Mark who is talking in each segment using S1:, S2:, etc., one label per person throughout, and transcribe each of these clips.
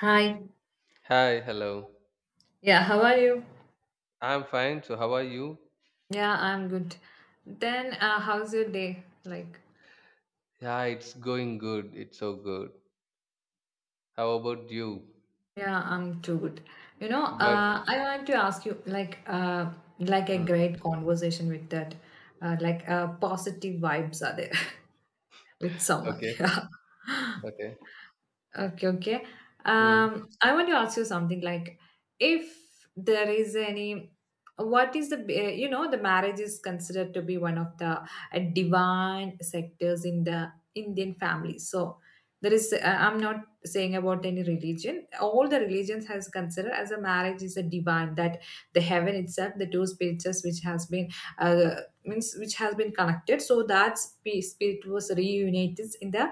S1: Hi.
S2: Hi, hello.
S1: Yeah, how are you?
S2: I'm fine. So, how are you?
S1: Yeah, I'm good. Then, how's your day? Like,
S2: Yeah, it's going good. It's so good. How about you?
S1: yeah, I'm too good. You know,
S2: But,
S1: I want to ask you, like a
S2: mm,
S1: great conversation with that, like, positive vibes are there with someone.
S2: okay,
S1: Yeah.
S2: okay.
S1: Okay, okay.
S2: Mm,
S1: I want to ask you something like if there is any, what is the, the marriage is considered to be one of the divine sectors in the Indian family. So there is, I'm not saying about any religion. All the religions has considered as a marriage is a divine that the heaven itself, the two spirits which has been, uh, means which has been connected. So that spirit was reunited in the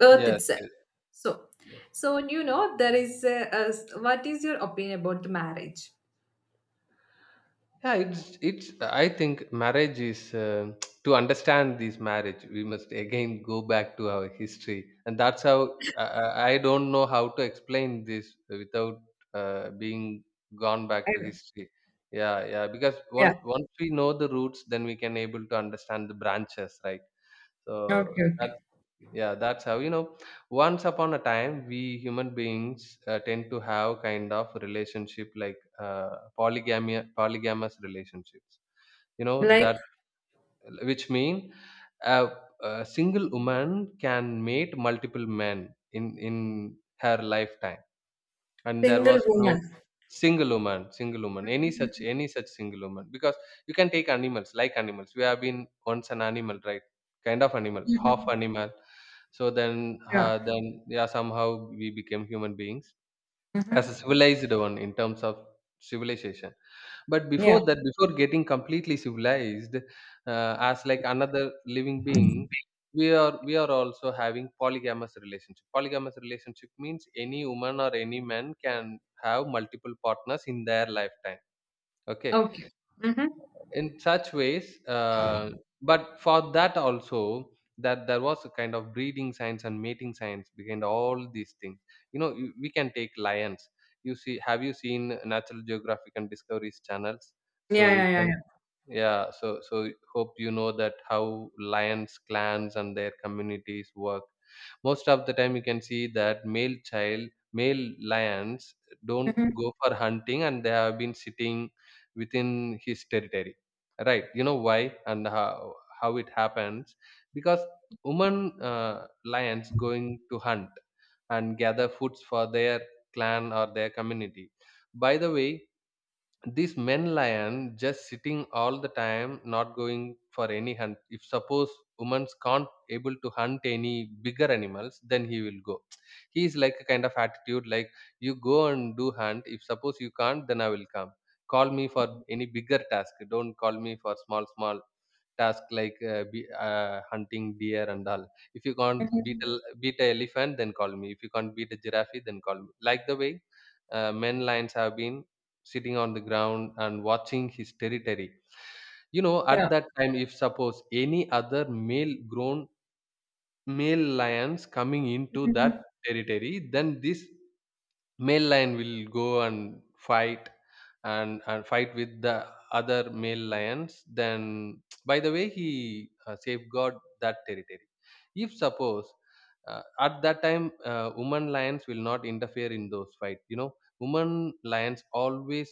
S1: earth
S2: yes,
S1: itself,
S2: yes,
S1: so
S2: yes.
S1: so you know there is a, what is your opinion about the marriage?
S2: Yeah, it's. I think marriage is to understand this marriage. We must again go back to our history, and that's how I don't know how to explain this without being gone back
S1: I,
S2: to
S1: will.
S2: history. Yeah, yeah. Because
S1: Yeah,
S2: once we know the roots, then we can able to understand the branches, right? So
S1: okay,
S2: that
S1: okay.
S2: Yeah, that's how, you know, once upon a time, we human beings tend to have kind of relationship like polygamy, polygamous relationships,
S1: Like,
S2: that which mean a, a single woman can mate multiple men in her lifetime, and there
S1: single
S2: was no
S1: woman.
S2: single woman, any such single woman, because you can take animals, like animals we have been once an animal, right? Kind of animal, half
S1: Mhm.
S2: animal. So then
S1: Yeah.
S2: yeah, somehow we became human beings, as
S1: Mhm.
S2: a civilized one in terms of civilization. But before
S1: Yeah,
S2: that, before getting completely civilized, as like another living being, we are also having Polygamous relationship means any woman or any man can have multiple partners in their lifetime, okay?
S1: okay. Hmm.
S2: In such ways, but for that also, that there was a kind of breeding science and mating science behind all these things, you know. We can take lions, you see. Have you seen natural geographic and discoveries channels?
S1: Yeah,
S2: So you
S1: yeah, yeah,
S2: can,
S1: yeah.
S2: yeah. So hope you know that how lions clans and their communities work. Most of the time you can see that male child, male lions, don't
S1: Hmm.
S2: go for hunting, and they have been sitting within his territory, right? You know why and how it happens. Because women lions going to hunt and gather foods for their clan or their community. By the way, this men lion just sitting all the time, not going for any hunt. If suppose women's can't able to hunt any bigger animals, then he will go. He is like a kind of attitude like, you go and do hunt, if suppose you can't, then I will come. Call me for any bigger task, don't call me for small small task, like hunting deer and all. If you can't beat
S1: Hmm.
S2: a beat a elephant, then call me. If you can't beat a giraffe, then call me. Like the way, men lions have been sitting on the ground and watching his territory. You know,
S1: Yeah.
S2: at that time, if suppose any other male, grown male lions coming into that
S1: Mhm.
S2: territory, then this male lion will go and fight, and fight with the other male lions. Then, by the way, he safeguard that territory. If suppose at that time woman lions will not interfere in those fight, you know. Woman lions always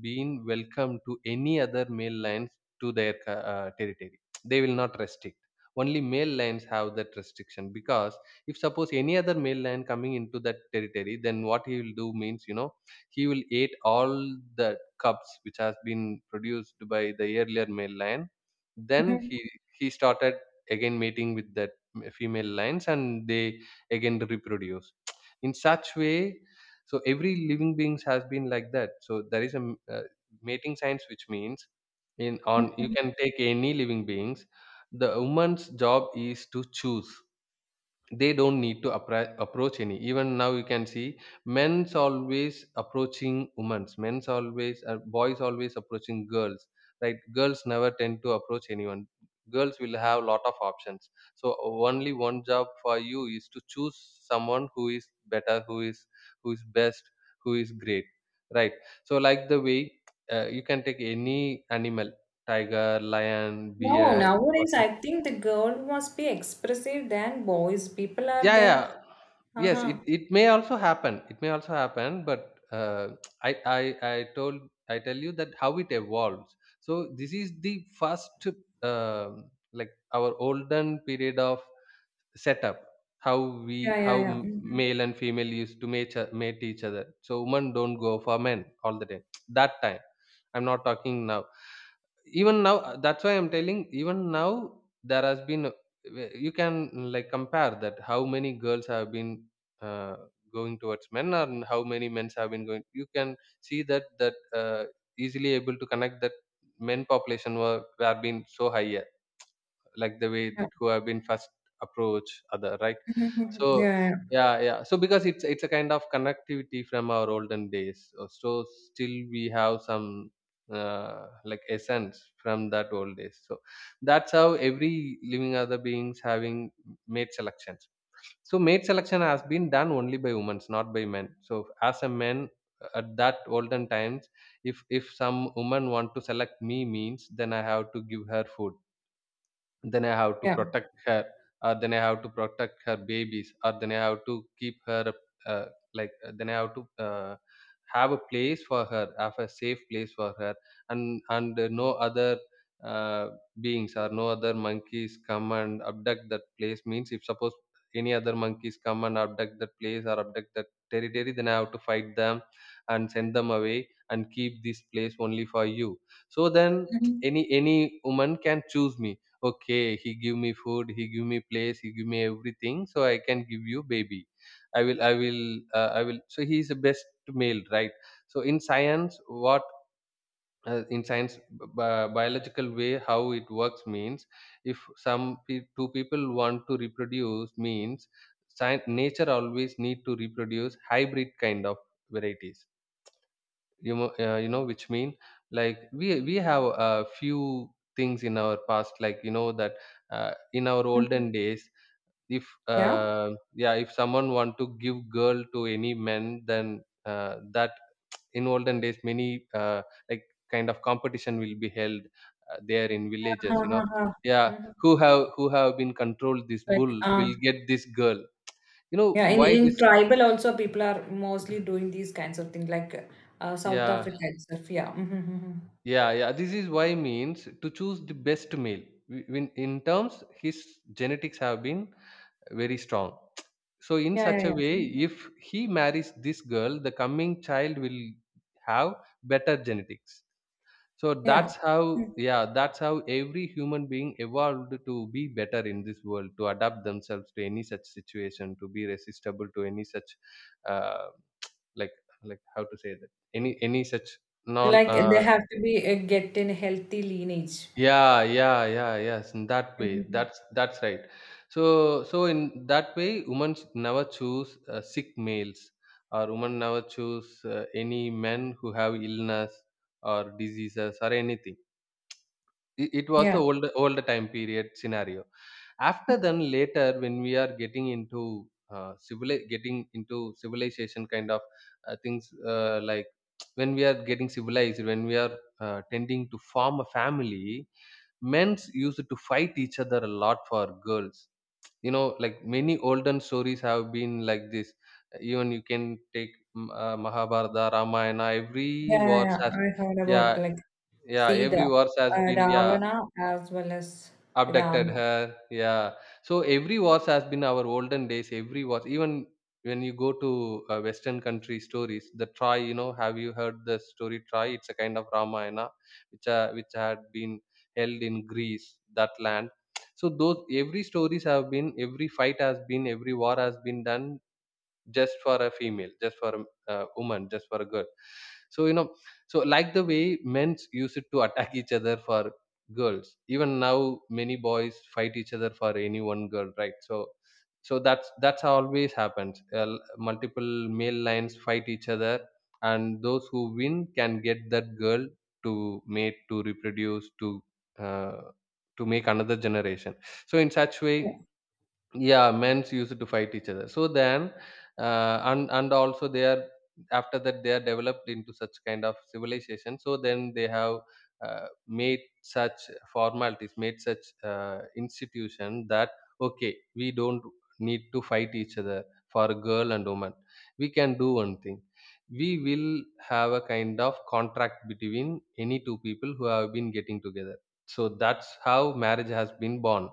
S2: been welcome to any other male lions to their territory. They will not restrict. Only male lions have that restriction. Because if suppose any other male lion coming into that territory, then what he will do, means, you know, he will eat all the cubs which has been produced by the earlier male lion. Then
S1: Mhm.
S2: he started again mating with that female lions, and they again reproduce, in such way. So every living beings has been like that. So there is a mating science, which means, in on you can take any living beings, the woman's job is to choose. They don't need to approach any. Even now you can see men's always approaching women's, men's always boys always approaching girls, right? Girls never tend to approach anyone. Girls will have lot of options, so only one job for you is to choose someone who is better, who is best, who is great, right? So like the way, you can take any animal, tiger, lion,
S1: No,
S2: bear,
S1: nowadays
S2: whatever.
S1: I think the girl must be expressive than boys. People are
S2: Yeah, yeah.
S1: there.
S2: Yes, it,
S1: Uh-huh.
S2: it may also happen, it may also happen but I, I i told I tell you that how it evolves. So this is the first, like, our olden period of setup, how
S1: Yeah,
S2: we
S1: yeah,
S2: how
S1: yeah.
S2: m-
S1: Mhm.
S2: male and female used to mate, mate each other. So women don't go for men all the time, that time, I'm not talking now. Even now that's why I'm telling, even now there has been you can like, compare that how many girls have been uh, going towards men and how many men have been going. You can see that uh, easily able to connect that men population were being so high. Yes, like the way
S1: Yeah.
S2: that who have been first approach other, right?
S1: Mhm.
S2: So,
S1: Yeah, yeah.
S2: yeah, yeah. so because it's a kind of connectivity from our olden days. So still we have some like essence from that old days. So that's how every living other beings having made selections. So mate selection has been done only by women, not by men. So as a man, at that olden times, if some woman want to select me, means, then I have to give her food, then I have to
S1: Yeah.
S2: protect her, or then I have to protect her babies, or then I have to keep her uh, then I have to have a place for her, have a safe place for her, and no other uh, beings, or no other monkeys come and abduct that place, means, if suppose any other monkeys come and abduct that place or abduct that territory, then I have to fight them and send them away and keep this place only for you. So then
S1: Mhm.
S2: any woman can choose me. Okay, he give me food, he give me place, he give me everything, so I can give you baby, i will i will I will, so he is the best male, right? So in science, what, in science, biological way, how it works, means, if two people want to reproduce, means, science, nature always need to reproduce hybrid kind of varieties. You know, you know, which mean, like we have a few things in our past, like you know that in our olden
S1: Mhm.
S2: days, if
S1: Yeah.
S2: yeah, if someone want to give girl to any man, then that, in olden days, many like kind of competition will be held there in
S1: Uh-huh,
S2: villages, you know.
S1: uh-huh.
S2: Yeah.
S1: Mm-hmm.
S2: Who have been controlled this
S1: But
S2: bull will get this girl. You know
S1: yeah, in,
S2: why
S1: in
S2: this?
S1: tribal also people are mostly doing these kinds of things like South
S2: Yeah.
S1: Africa itself. Yeah. Mm-hmm, mm-hmm.
S2: Yeah, yeah. This is why, means, to choose the best male. In terms, his genetics have been very strong. So in
S1: Yeah, yeah,
S2: such a
S1: yeah.
S2: way,
S1: Mhm.
S2: if he marries this girl, the coming child will have better genetics. So
S1: Yeah.
S2: that's how,
S1: Mm.
S2: yeah, that's how every human being evolved to be better in this world, to adapt themselves to any such situation, to be resistible to any such, uh, like, like, how to say that, any such non
S1: Like they have to be get in healthy lineage.
S2: yeah, yeah, yeah, yes, in that way,
S1: Mhm.
S2: that's right. So in that way, women never choose sick males. Or women never choose any men who have illness or diseases or anything. It was the
S1: Yeah.
S2: older time period scenario. After
S1: Mhm.
S2: then, later, when we are getting into civil getting into civilization kind of things, like, when we are getting civilized, when we are tending to form a family, men's used to fight each other a lot for girls. You know, like, many olden stories have been like this. Even you can take Mahabharata, Ramayana. Every
S1: Yeah, yeah,
S2: wars
S1: yeah.
S2: has,
S1: I heard
S2: yeah,
S1: about like
S2: yeah,
S1: Sita,
S2: every wars has been, yeah.
S1: Ravana as well as
S2: Abducted
S1: Rama.
S2: her. Yeah. So every wars has been our olden days. Every wars, even when you go to Western country stories, the Troy. You know, have you heard the story Troy? It's a kind of Ramayana, which had been held in Greece, that land. So those every stories have been, every fight has been, every war has been done just for a female, just for a woman, just for a girl. So you know so like the way men use it to attack each other for girls, even now many boys fight each other for any one girl, right, so that's always happens. Multiple male lines fight each other, and those who win can get that girl, to mate, to reproduce, to uh, make another generation. So in such way,
S1: Yeah,
S2: yeah, men's used to fight each other. So then, and also they are, after that they are developed into such kind of civilization. So then they have made such formalities, made such institution that, okay, we don't need to fight each other for girl and woman. We can do one thing: we will have a kind of contract between any two people who have been getting together. So that's how marriage has been born.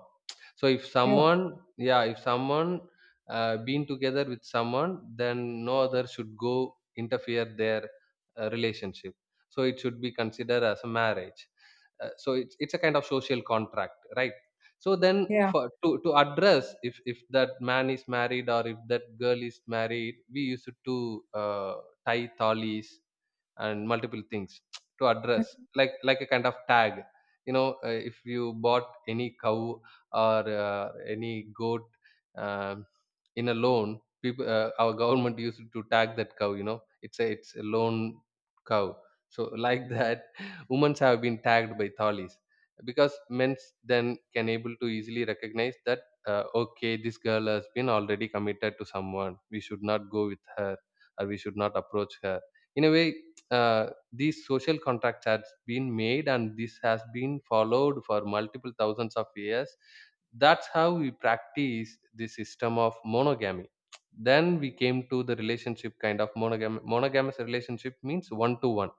S2: So if
S1: yeah,
S2: someone, yeah, if someone been together with someone, then no other should go interfere their relationship. So it should be considered as a marriage. So it's a kind of social contract, right? So then,
S1: yeah.
S2: for to address, if that man is married or if that girl is married, we used to uh, tie thalis and multiple things to address,
S1: Mm-hmm.
S2: like a kind of tag. If you bought any cow, or any goat, um, in a loan, people, our government used to tag that cow. It's a loan cow. So like that, women's have been tagged by tallies, because men's then can able to easily recognize that, okay, this girl has been already committed to someone, we should not go with her or we should not approach her, in a way. These social contracts has been made, and this has been followed for multiple thousands of years. That's how we practice the system of monogamy. Then we came to the relationship, kind of monogamous relationship, means one to one.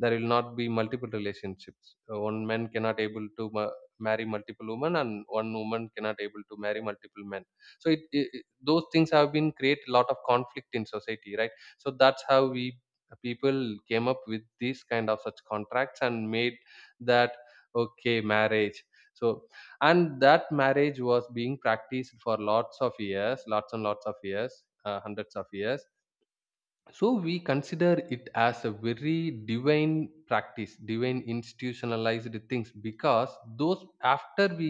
S2: There will not be multiple relationships. One man cannot able to marry multiple women, and one woman cannot able to marry multiple men. So those things have been create a lot of conflict in society, right? So that's how we people came up with these kind of such contracts, and made that, okay, marriage. So, and that marriage was being practiced for lots of years, lots and lots of years, hundreds of years. So we consider it as a very divine practice, divine institutionalized things, because those, after we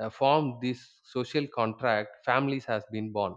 S2: form this social contract, families has been born.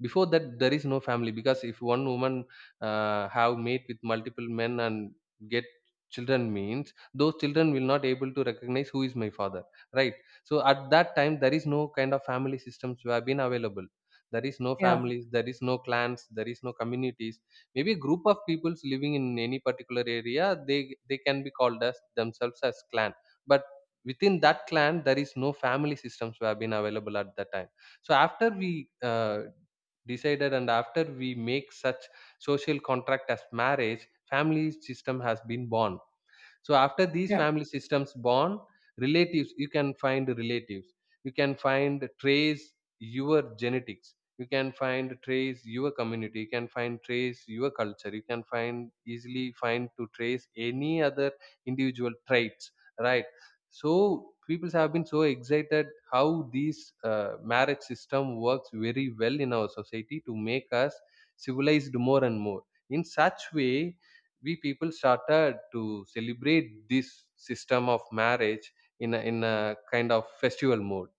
S2: Before that, there is no family, because if one woman have mate with multiple men and get children, means those children will not able to recognize who is my father, right? So at that time there is no kind of family systems who have been available. There is no
S1: Yeah,
S2: families, there is no clans, there is no communities. Maybe a group of peoples living in any particular area, they can be called as themselves as clan. But within that clan there is no family systems who have been available at that time. So after we uh, decided, and after we make such social contract as marriage, family system has been born. So after these
S1: yeah,
S2: family systems born, relatives, you can find relatives, you can find, trace your genetics, you can find, trace your community, you can find, trace your culture, you can find, easily find to trace any other individual traits, right? So people have been so excited how this marriage system works very well in our society to make us civilized more and more. In such way, we people started to celebrate this system of marriage in a kind of festival mode.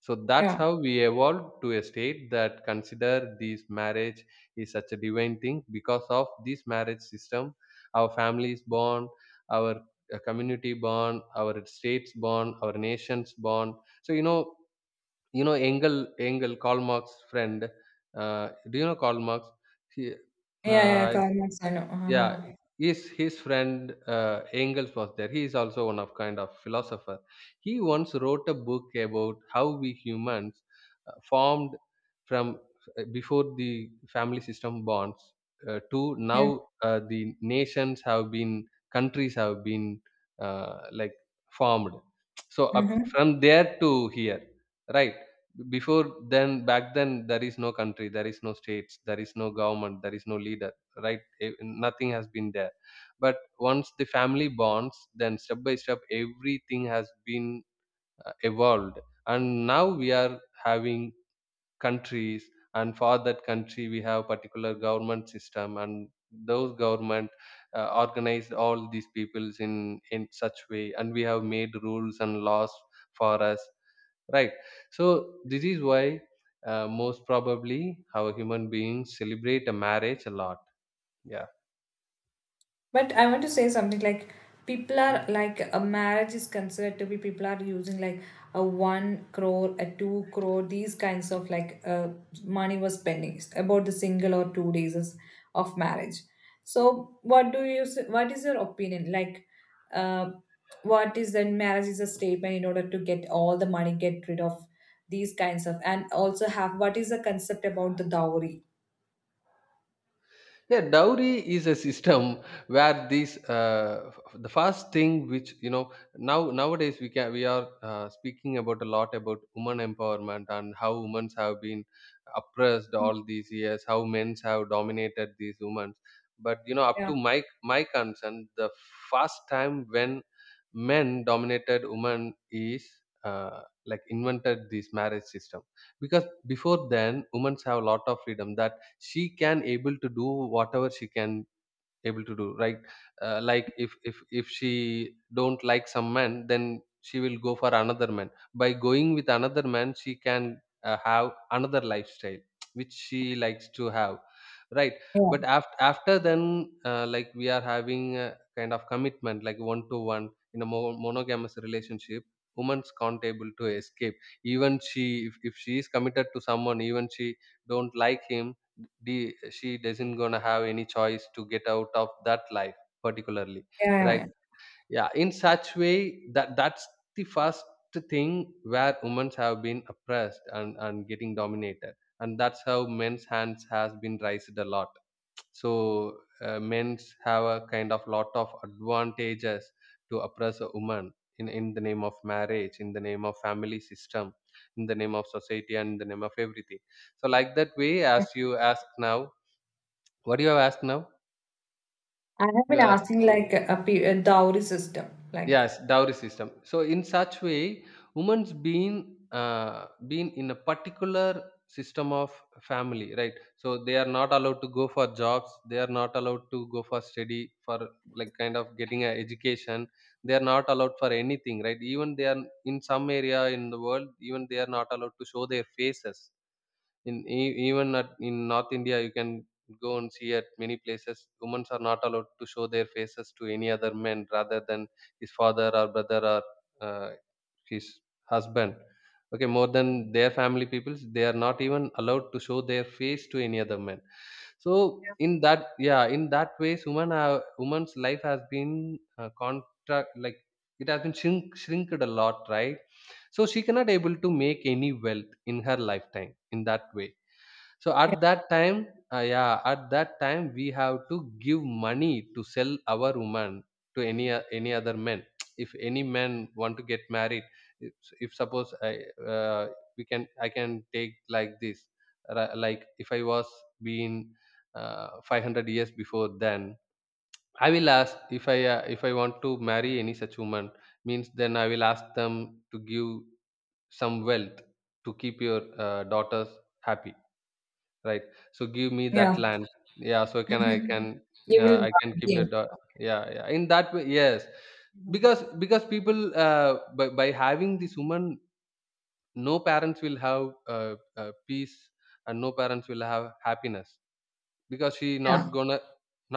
S2: So
S1: yeah,
S2: that's
S1: yeah,
S2: how we evolved to a state that consider this marriage is such a divine thing. Because of this marriage system, our families bond, our community bond, our states bond, our nations bond. So you know, engel engel Karl Marx friend, do you know Karl Marx? he,
S1: yeah, yeah,
S2: uh,
S1: Karma, I know.
S2: yeah,
S1: Uh-huh.
S2: his friend, Engels, was there. He is also one of kind of philosopher. He once wrote a book about how we humans formed, from, before the family system bonds, to
S1: Yeah.
S2: now, the nations have been, countries have been, like, formed. So up
S1: Mm-hmm.
S2: from there to here, right? Before, then back then, there is no country, there is no states, there is no government, there is no leader, right? Nothing has been there. But once the family bonds, then step by step, everything has been evolved, and now we are having countries. And for that country we have particular government system, and those government organized all these peoples in such way, and we have made rules and laws for us, right? So this is why, most probably, how human beings celebrate a marriage a lot. Yeah.
S1: But I want to say something like people are like a marriage is considered to be people are using like a one crore, a two crore, these kinds of like money was spending about the single or 2 days is- of marriage. So what do you s- what is your opinion like? Uh, what is that marriage is a statement in order to get all the money, get rid of these kinds of, and also have what is the concept about the dowry?
S2: Yeah, dowry is a system where these, the first thing, which now nowadays we can, we are speaking about a lot about women empowerment and how women have been oppressed all these years, how men have dominated these women. But up
S1: Yeah,
S2: to my concern, the first time when men dominated women is like, invented this marriage system. Because before then women have a lot of freedom, that she can able to do whatever she can able to do, right? Like, if she don't like some man, then she will go for another man. By going with another man she can have another lifestyle which she likes to have, right?
S1: yeah,
S2: But after then, like, we are having a kind of commitment, like one to one, in a monogamous relationship. Women's can't able to escape. Even she, if she is committed to someone, even she don't like him, be she doesn't gonna have any choice to get out of that life particularly,
S1: yeah.
S2: right?
S1: Yeah.
S2: Yeah, in such way, that's the first thing where women have been oppressed and getting dominated. And that's how men's hands has been raised a lot. So, men's have a kind of lot of advantages to oppress a woman, in the name of marriage, in the name of family system, in the name of society, and in the name of everything. So like that way, as you ask now, what you have asked now?
S1: I have
S2: You
S1: been
S2: are asked,
S1: asking like a, a dowry system, like
S2: yes, dowry system. So in such way, women's been in a particular system of family, right? So they are not allowed to go for jobs. They are not allowed to go for study, for like kind of getting an education. They are not allowed for anything, right? Even they are in some area in the world, even they are not allowed to show their faces, in even at, in North India you can go and see. At many places, women are not allowed to show their faces to any other men rather than his father or brother or uh, his husband. Okay, more than their family peoples, they are not even allowed to show their face to any other men. So in that yeah, in that ways, women's life has been contract, like, it has been shrinked a lot, right? So she cannot able to make any wealth in her lifetime, in that way. So
S1: yeah,
S2: at that time, we have to give money to sell our woman to any any other men. If any men want to get married, if, suppose uh, I can take like this, like, if I was being 500 years before, then I will ask, if I want to marry any such woman, means then I will ask them to give some wealth to keep your daughters happy. Right. So give me that
S1: yeah.
S2: land. Yeah. So can I can
S1: You will
S2: I
S1: buy
S2: can keep
S1: the
S2: your dog. Yeah. Yeah. In that way, yes. Because people, by having this woman, no parents will have peace, and no parents will have happiness, because she not
S1: yeah,
S2: gonna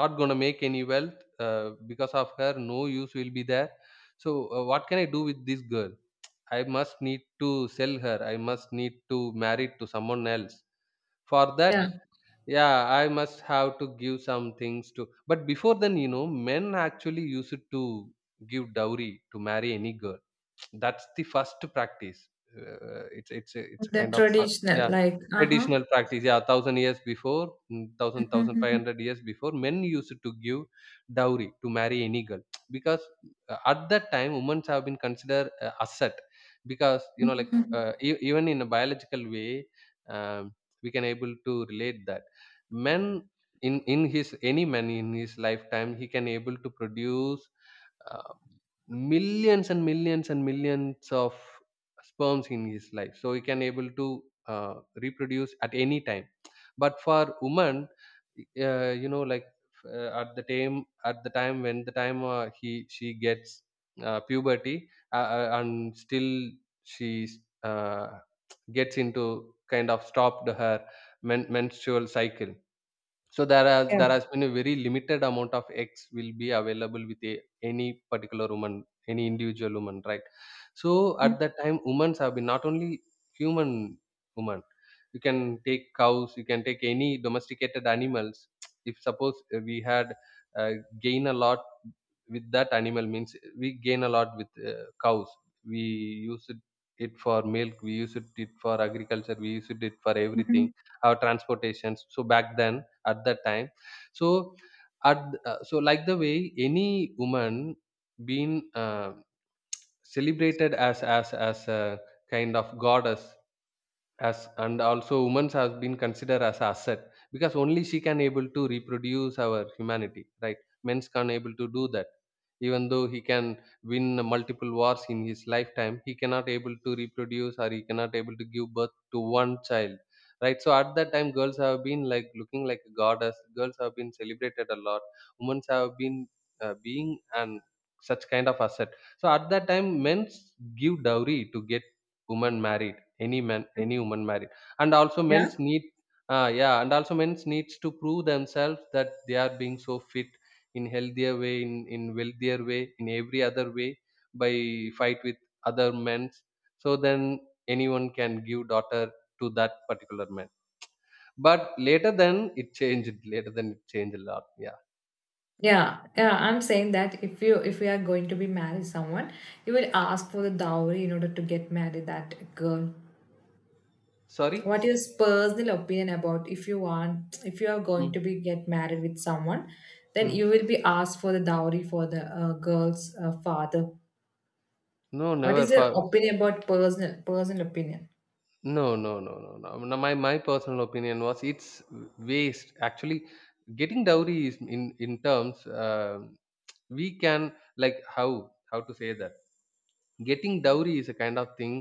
S2: make any wealth because of her. No use will be there. So what can I do with this girl? I must need to sell her. I must need to marry to someone else. For that,
S1: yeah,
S2: yeah, I must have to give some things to. But before then, men actually used to give dowry to marry any girl. That's the first practice. It's a
S1: the
S2: kind of
S1: traditional
S2: yeah,
S1: like uh huh,
S2: traditional practice. Yeah, thousand years before, thousand five hundred years before, men used to give dowry to marry any girl. Because at that time women have been considered asset because like even in a biological way. um, we can able to relate that men in his any man in his lifetime, he can able to produce uh, millions and millions and millions of sperms in his life, so he can able to reproduce at any time. But for woman, like at the time when the time he, she gets puberty and still she uh, gets into kind of stopped her menstrual cycle, so there has
S1: yeah.
S2: there has been a very limited amount of eggs will be available with a any particular woman, any individual woman, right? So at that time, women have been not only human woman. You can take cows, you can take any domesticated animals. If suppose we had uh, gain a lot with that animal means we gain a lot with cows. We use it, it for milk, we use it, it for agriculture, we use it, it for everything,
S1: Mhm.
S2: our transportations. So back then, at that time, so at so like the way any woman being celebrated as a kind of goddess, as and also women's has been considered as asset, because only she can able to reproduce our humanity, right? Men's can't able to do that. Even though he can win multiple wars in his lifetime, he cannot able to reproduce, or he cannot able to give birth to one child, right? So at that time, girls have been like looking like a goddess, girls have been celebrated a lot, women's have been being and such kind of asset. So at that time, men's give dowry to get women married, any man, any woman married. And also
S1: Yeah,
S2: men's need yeah and also men's needs to prove themselves that they are being so fit, in healthier way, in wealthier way, in every other way, by fight with other men's. So then anyone can give daughter to that particular man. But later then it changed, later then it changed a lot, yeah.
S1: yeah, yeah. I'm saying that if you are going to be married someone, you will ask for the dowry in order to get married that girl.
S2: Sorry.
S1: What is personal opinion about if you want if you are going to
S2: Mm,
S1: be get married with someone, then
S2: mm.
S1: you will be asked for the dowry for the girl's father.
S2: No,
S1: What
S2: never
S1: is your
S2: far.
S1: opinion about personal opinion?
S2: No, no, no, no, no. No, my personal opinion was, it's waste. Actually, getting dowry is in terms, we can, like, how to say that, getting dowry is a kind of thing.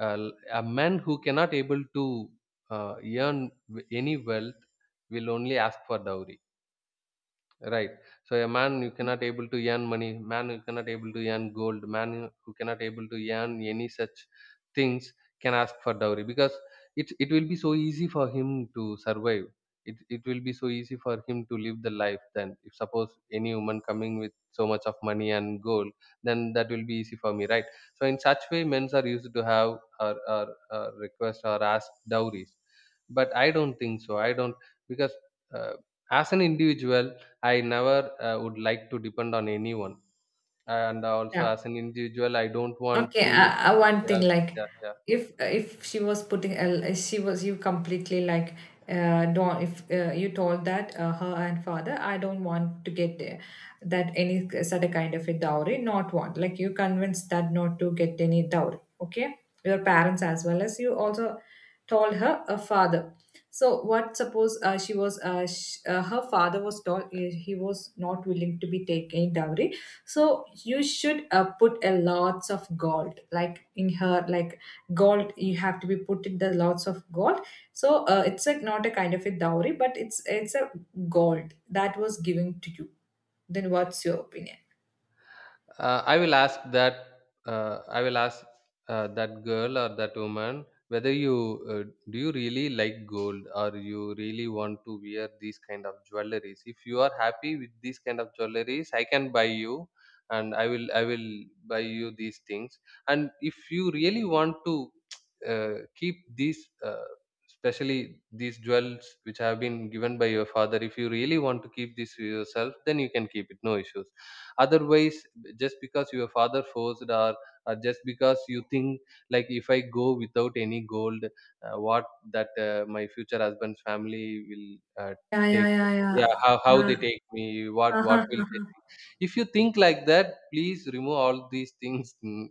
S2: A man who cannot able to uh, earn any wealth will only ask for dowry. Right. So a man you cannot able to earn money, man who cannot able to earn gold, man who cannot able to earn any such things can ask for dowry, because it will be so easy for him to survive. It will be so easy for him to live the life then. If suppose any woman coming with so much of money and gold, then that will be easy for me, right? So in such way, men's are used to have, or request, or ask dowries. But I don't think so. I don't, because uh, as an individual, I never would like to depend on anyone, and also
S1: Yeah.
S2: as an individual, I don't want
S1: Okay,
S2: to.
S1: one thing
S2: Yeah,
S1: like
S2: yeah, yeah.
S1: if she was you completely like don't if you told that her and father I don't want to get that any such a kind of a dowry not want like you convinced that not to get any dowry, okay, your parents as well as you also told her a father, so what suppose she was her father was told he was not willing to be taking dowry. So you should put a lots of gold like in her like gold you have to be put in the lots of gold. So it's like not a kind of a dowry but it's a gold that was given to you. Then what's your opinion?
S2: I will ask that, I will ask that girl or that woman, whether you uh, do you really like gold, or you really want to wear these kind of jewelries? If you are happy with these kind of jewelries, I can buy you, and I will, I will buy you these things. And if you really want to keep these especially these jewels which have been given by your father, if you really want to keep this for yourself, then you can keep it, no issues. Otherwise, just because your father forced, or just because you think like, if I go without any gold, what, that my future husband's family will uh,
S1: Yeah, yeah,
S2: take,
S1: yeah,
S2: yeah, how
S1: yeah.
S2: they take me, what
S1: Uh,
S2: will they think? If you think like that, please remove all these things.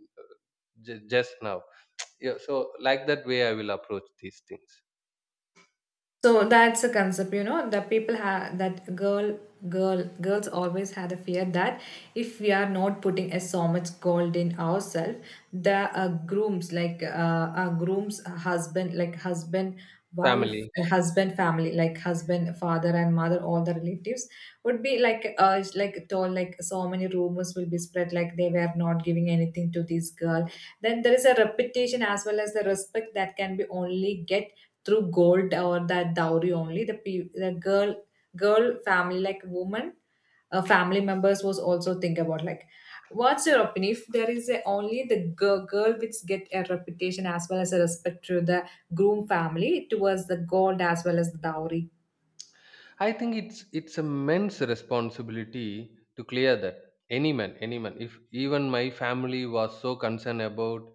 S2: Just now, yeah, so like that way I will approach these things.
S1: So that's a concept, you know, that people have that girl, girls always had a fear that if we are not putting a so much gold in ourselves, the grooms, like our groom's husband, like husband, wife,
S2: Family.
S1: husband, family, like husband, father, and mother, all the relatives would be like, it's like told, like so many rumors will be spread, like they were not giving anything to this girl. Then there is a reputation as well as the respect that can be only get through gold or that dowry only. The the girl, girl family like woman family members was also think about like what's your opinion if there is a, only the girl, girl which get a reputation as well as a respect to the groom family towards the gold as well as the dowry?
S2: I think it's a man's responsibility to clear that. Any man, any man. If even my family was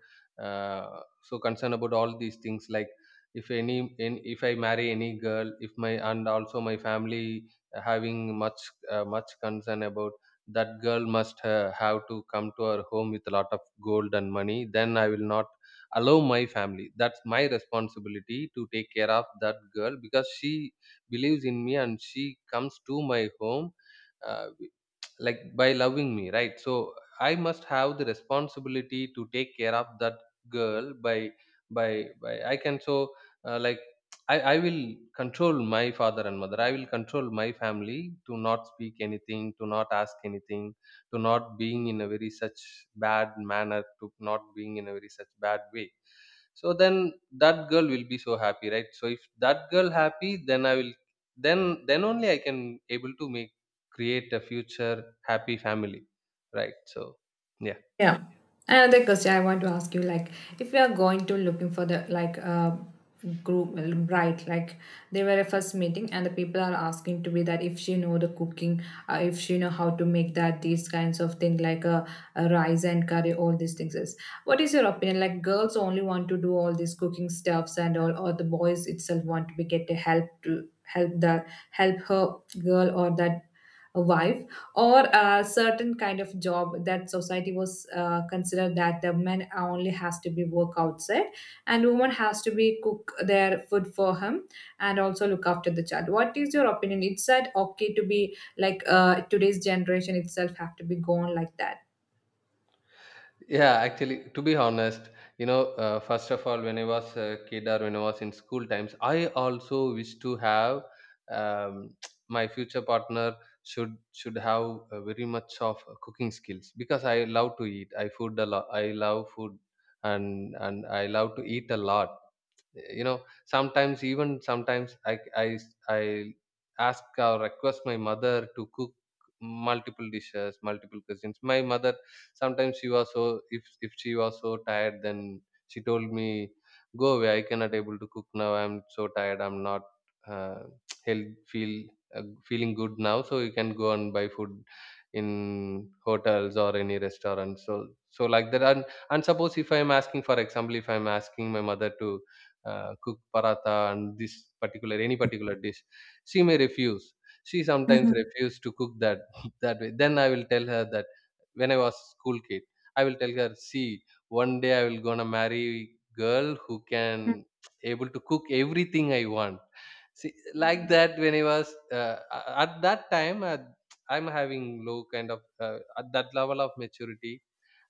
S2: so concerned about all these things, like if any, in, if I marry any girl, if my and also my family having much much concern about that girl must have to come to our home with a lot of gold and money, then I will not allow my family. That's my responsibility to take care of that girl, because she believes in me and she comes to my home uh, like by loving me, right? So I must have the responsibility to take care of that girl by by, I can, so like I will control my father and mother, I will control my family, to not speak anything, to not ask anything, to not being in a very such bad manner, to not being in a very such bad way. So then that girl will be so happy, right? So if that girl happy, then I will, then then only I can able to make, create a future happy family, right? So yeah.
S1: Yeah. Another question I want to ask you, like, if we are going to looking for the like group, well, right? Like, they were a first meeting, and the people are asking to be that if she know the cooking, if she know how to make that these kinds of thing like a rice and curry, all these things. Is what is your opinion? Like, girls only want to do all these cooking stuffs and all, or the boys itself want to be get the help to help the help her girl or that a wife or a certain kind of job that society was considered that the man only has to be work outside and woman has to be cook their food for him and also look after the child, what is your opinion, it's that okay to be like today's generation itself have to be gone like that?
S2: Yeah, actually, to be honest, first of all, when I was a kid or when I was in school times, I also wish to have um, my future partner should have very much of cooking skills, because I love to eat. I food a lot. I love food, and I love to eat a lot. You know, sometimes, even sometimes I ask or request my mother to cook multiple dishes, multiple cuisines. My mother sometimes, she was so, if she was so tired, then she told me, go away, I cannot able to cook now, I'm so tired, I'm not uh, health feel uh, feeling good now, so you can go and buy food in hotels or any restaurant. So so like that, and suppose if I'm asking, for example, if I'm asking my mother to cook paratha and this particular, any particular dish, she may refuse, she sometimes
S1: Mhm,
S2: refuse to cook that, that way, then I will tell her that, when I was school kid, I will tell her, see, one day I will gonna marry girl who
S1: mhm,
S2: can able to cook everything I want. See, like
S1: mhm.
S2: that, when I was at that time, I'm having low kind of at that level of maturity.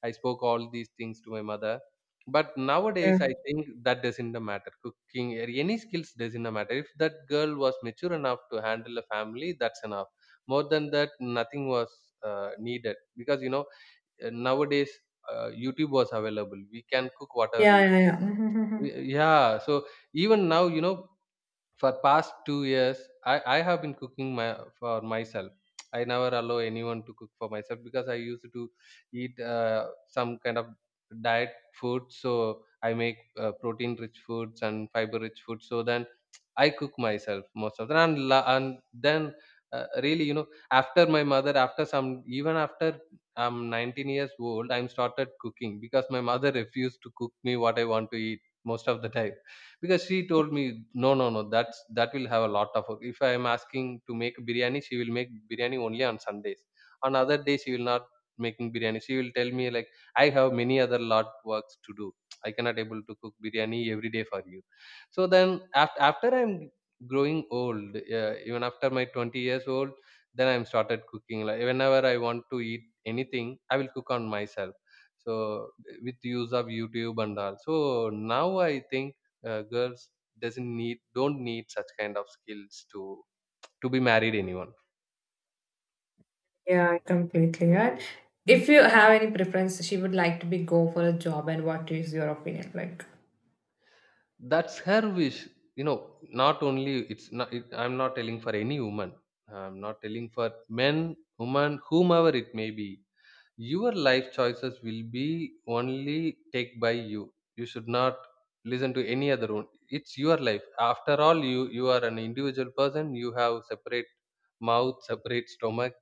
S2: I spoke all these things to my mother. But
S1: Yeah,
S2: nowadays, I think that doesn't matter. Cooking or any skills doesn't matter. If that girl was mature enough to handle a family, that's enough. More than that, nothing was needed, because you know, nowadays youtube was available, we can cook whatever
S1: yeah,
S2: we
S1: yeah,
S2: want.
S1: yeah. Mhm, mhm.
S2: Yeah, so even now, you know, for past 2 years, I have been cooking my, for myself, I never allow anyone to cook for myself, because I used to eat some kind of diet food, so I make protein rich foods and fiber rich foods. So then I cook myself most of the time, and, and then really, you know, after my mother, after some, even after I'm 19 years old, I'm started cooking, because my mother refused to cook me what I want to eat most of the time, because she told me, "No, no, no. That's, that will have a lot of work." If I am asking to make biryani, she will make biryani only on Sundays. On other days, she will not making biryani. She will tell me like, I have many other lot works to do. I cannot able to cook biryani every day for you. So then, after after I'm growing old, even after my 20 years old, then I'm started cooking. Like whenever I want to eat anything, I will cook on myself. So with use of youtube and all. So now I think girls doesn't need, don't need such kind of skills to be married anyone.
S1: Yeah, completely right. If you have any preference, she would like to be go for a job, and what is your opinion like?
S2: That's her wish, you know, not only, it's not, it, I'm not telling for any woman, I'm not telling for men, woman, whomever it may be, your life choices will be only take by you, you should not listen to any other one. It's your life, after all, you are an individual person, you have separate mouth, separate stomach,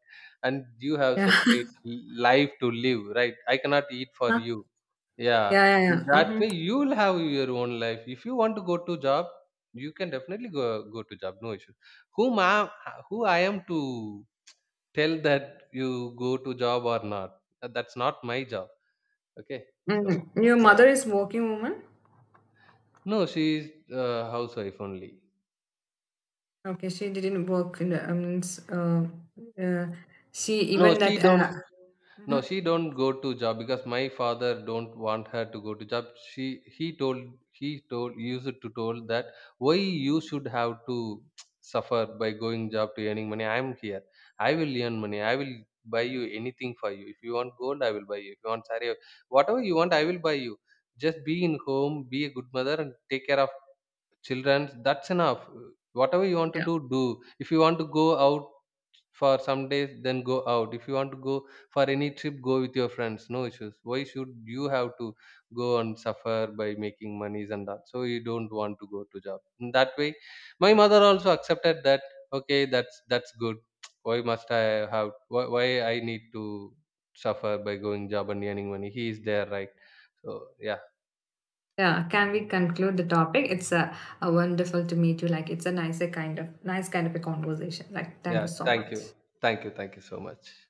S2: and you have
S1: Yeah,
S2: separate life to live, right? I cannot eat for
S1: yeah,
S2: you. Yeah.
S1: yeah, yeah.
S2: that way
S1: Mhm.
S2: you will have your own life. If you want to go to job, you can definitely go, go to job, no issue. Whom I am, who I am to tell that you go to job or not? That's not my job, okay? So
S1: Mm, your
S2: yeah,
S1: mother is working woman?
S2: no, she's housewife only.
S1: Okay, she didn't work in the, I mean, uh, she
S2: No,
S1: even
S2: she
S1: that,
S2: don't. No,
S1: mhm.
S2: she don't go to job, because my father don't want her to go to job. She, he told, he told, used to told that, why you should have to suffer by going job to earning money? I am here. I will earn money. I will buy you anything for you. If you want gold, I will buy you. If you want saree, whatever you want, I will buy you. Just be in home, be a good mother, and take care of children. That's enough. Whatever you want to
S1: Yeah.
S2: do, do. If you want to go out for some days, then go out. If you want to go for any trip, go with your friends, no issues. Why should you have to go and suffer by making monies and that? So you don't want to go to job. In that way, my mother also accepted that. Okay, that's good. Why must I have, why I need to suffer by going job and earning money? He is there, right? So yeah.
S1: Yeah, can we conclude the topic? It's a wonderful to meet you. Like, it's a nicer kind of, nice kind of a conversation. Like, thank
S2: Yeah,
S1: you so
S2: thank you,
S1: much.
S2: thank you, thank you so much.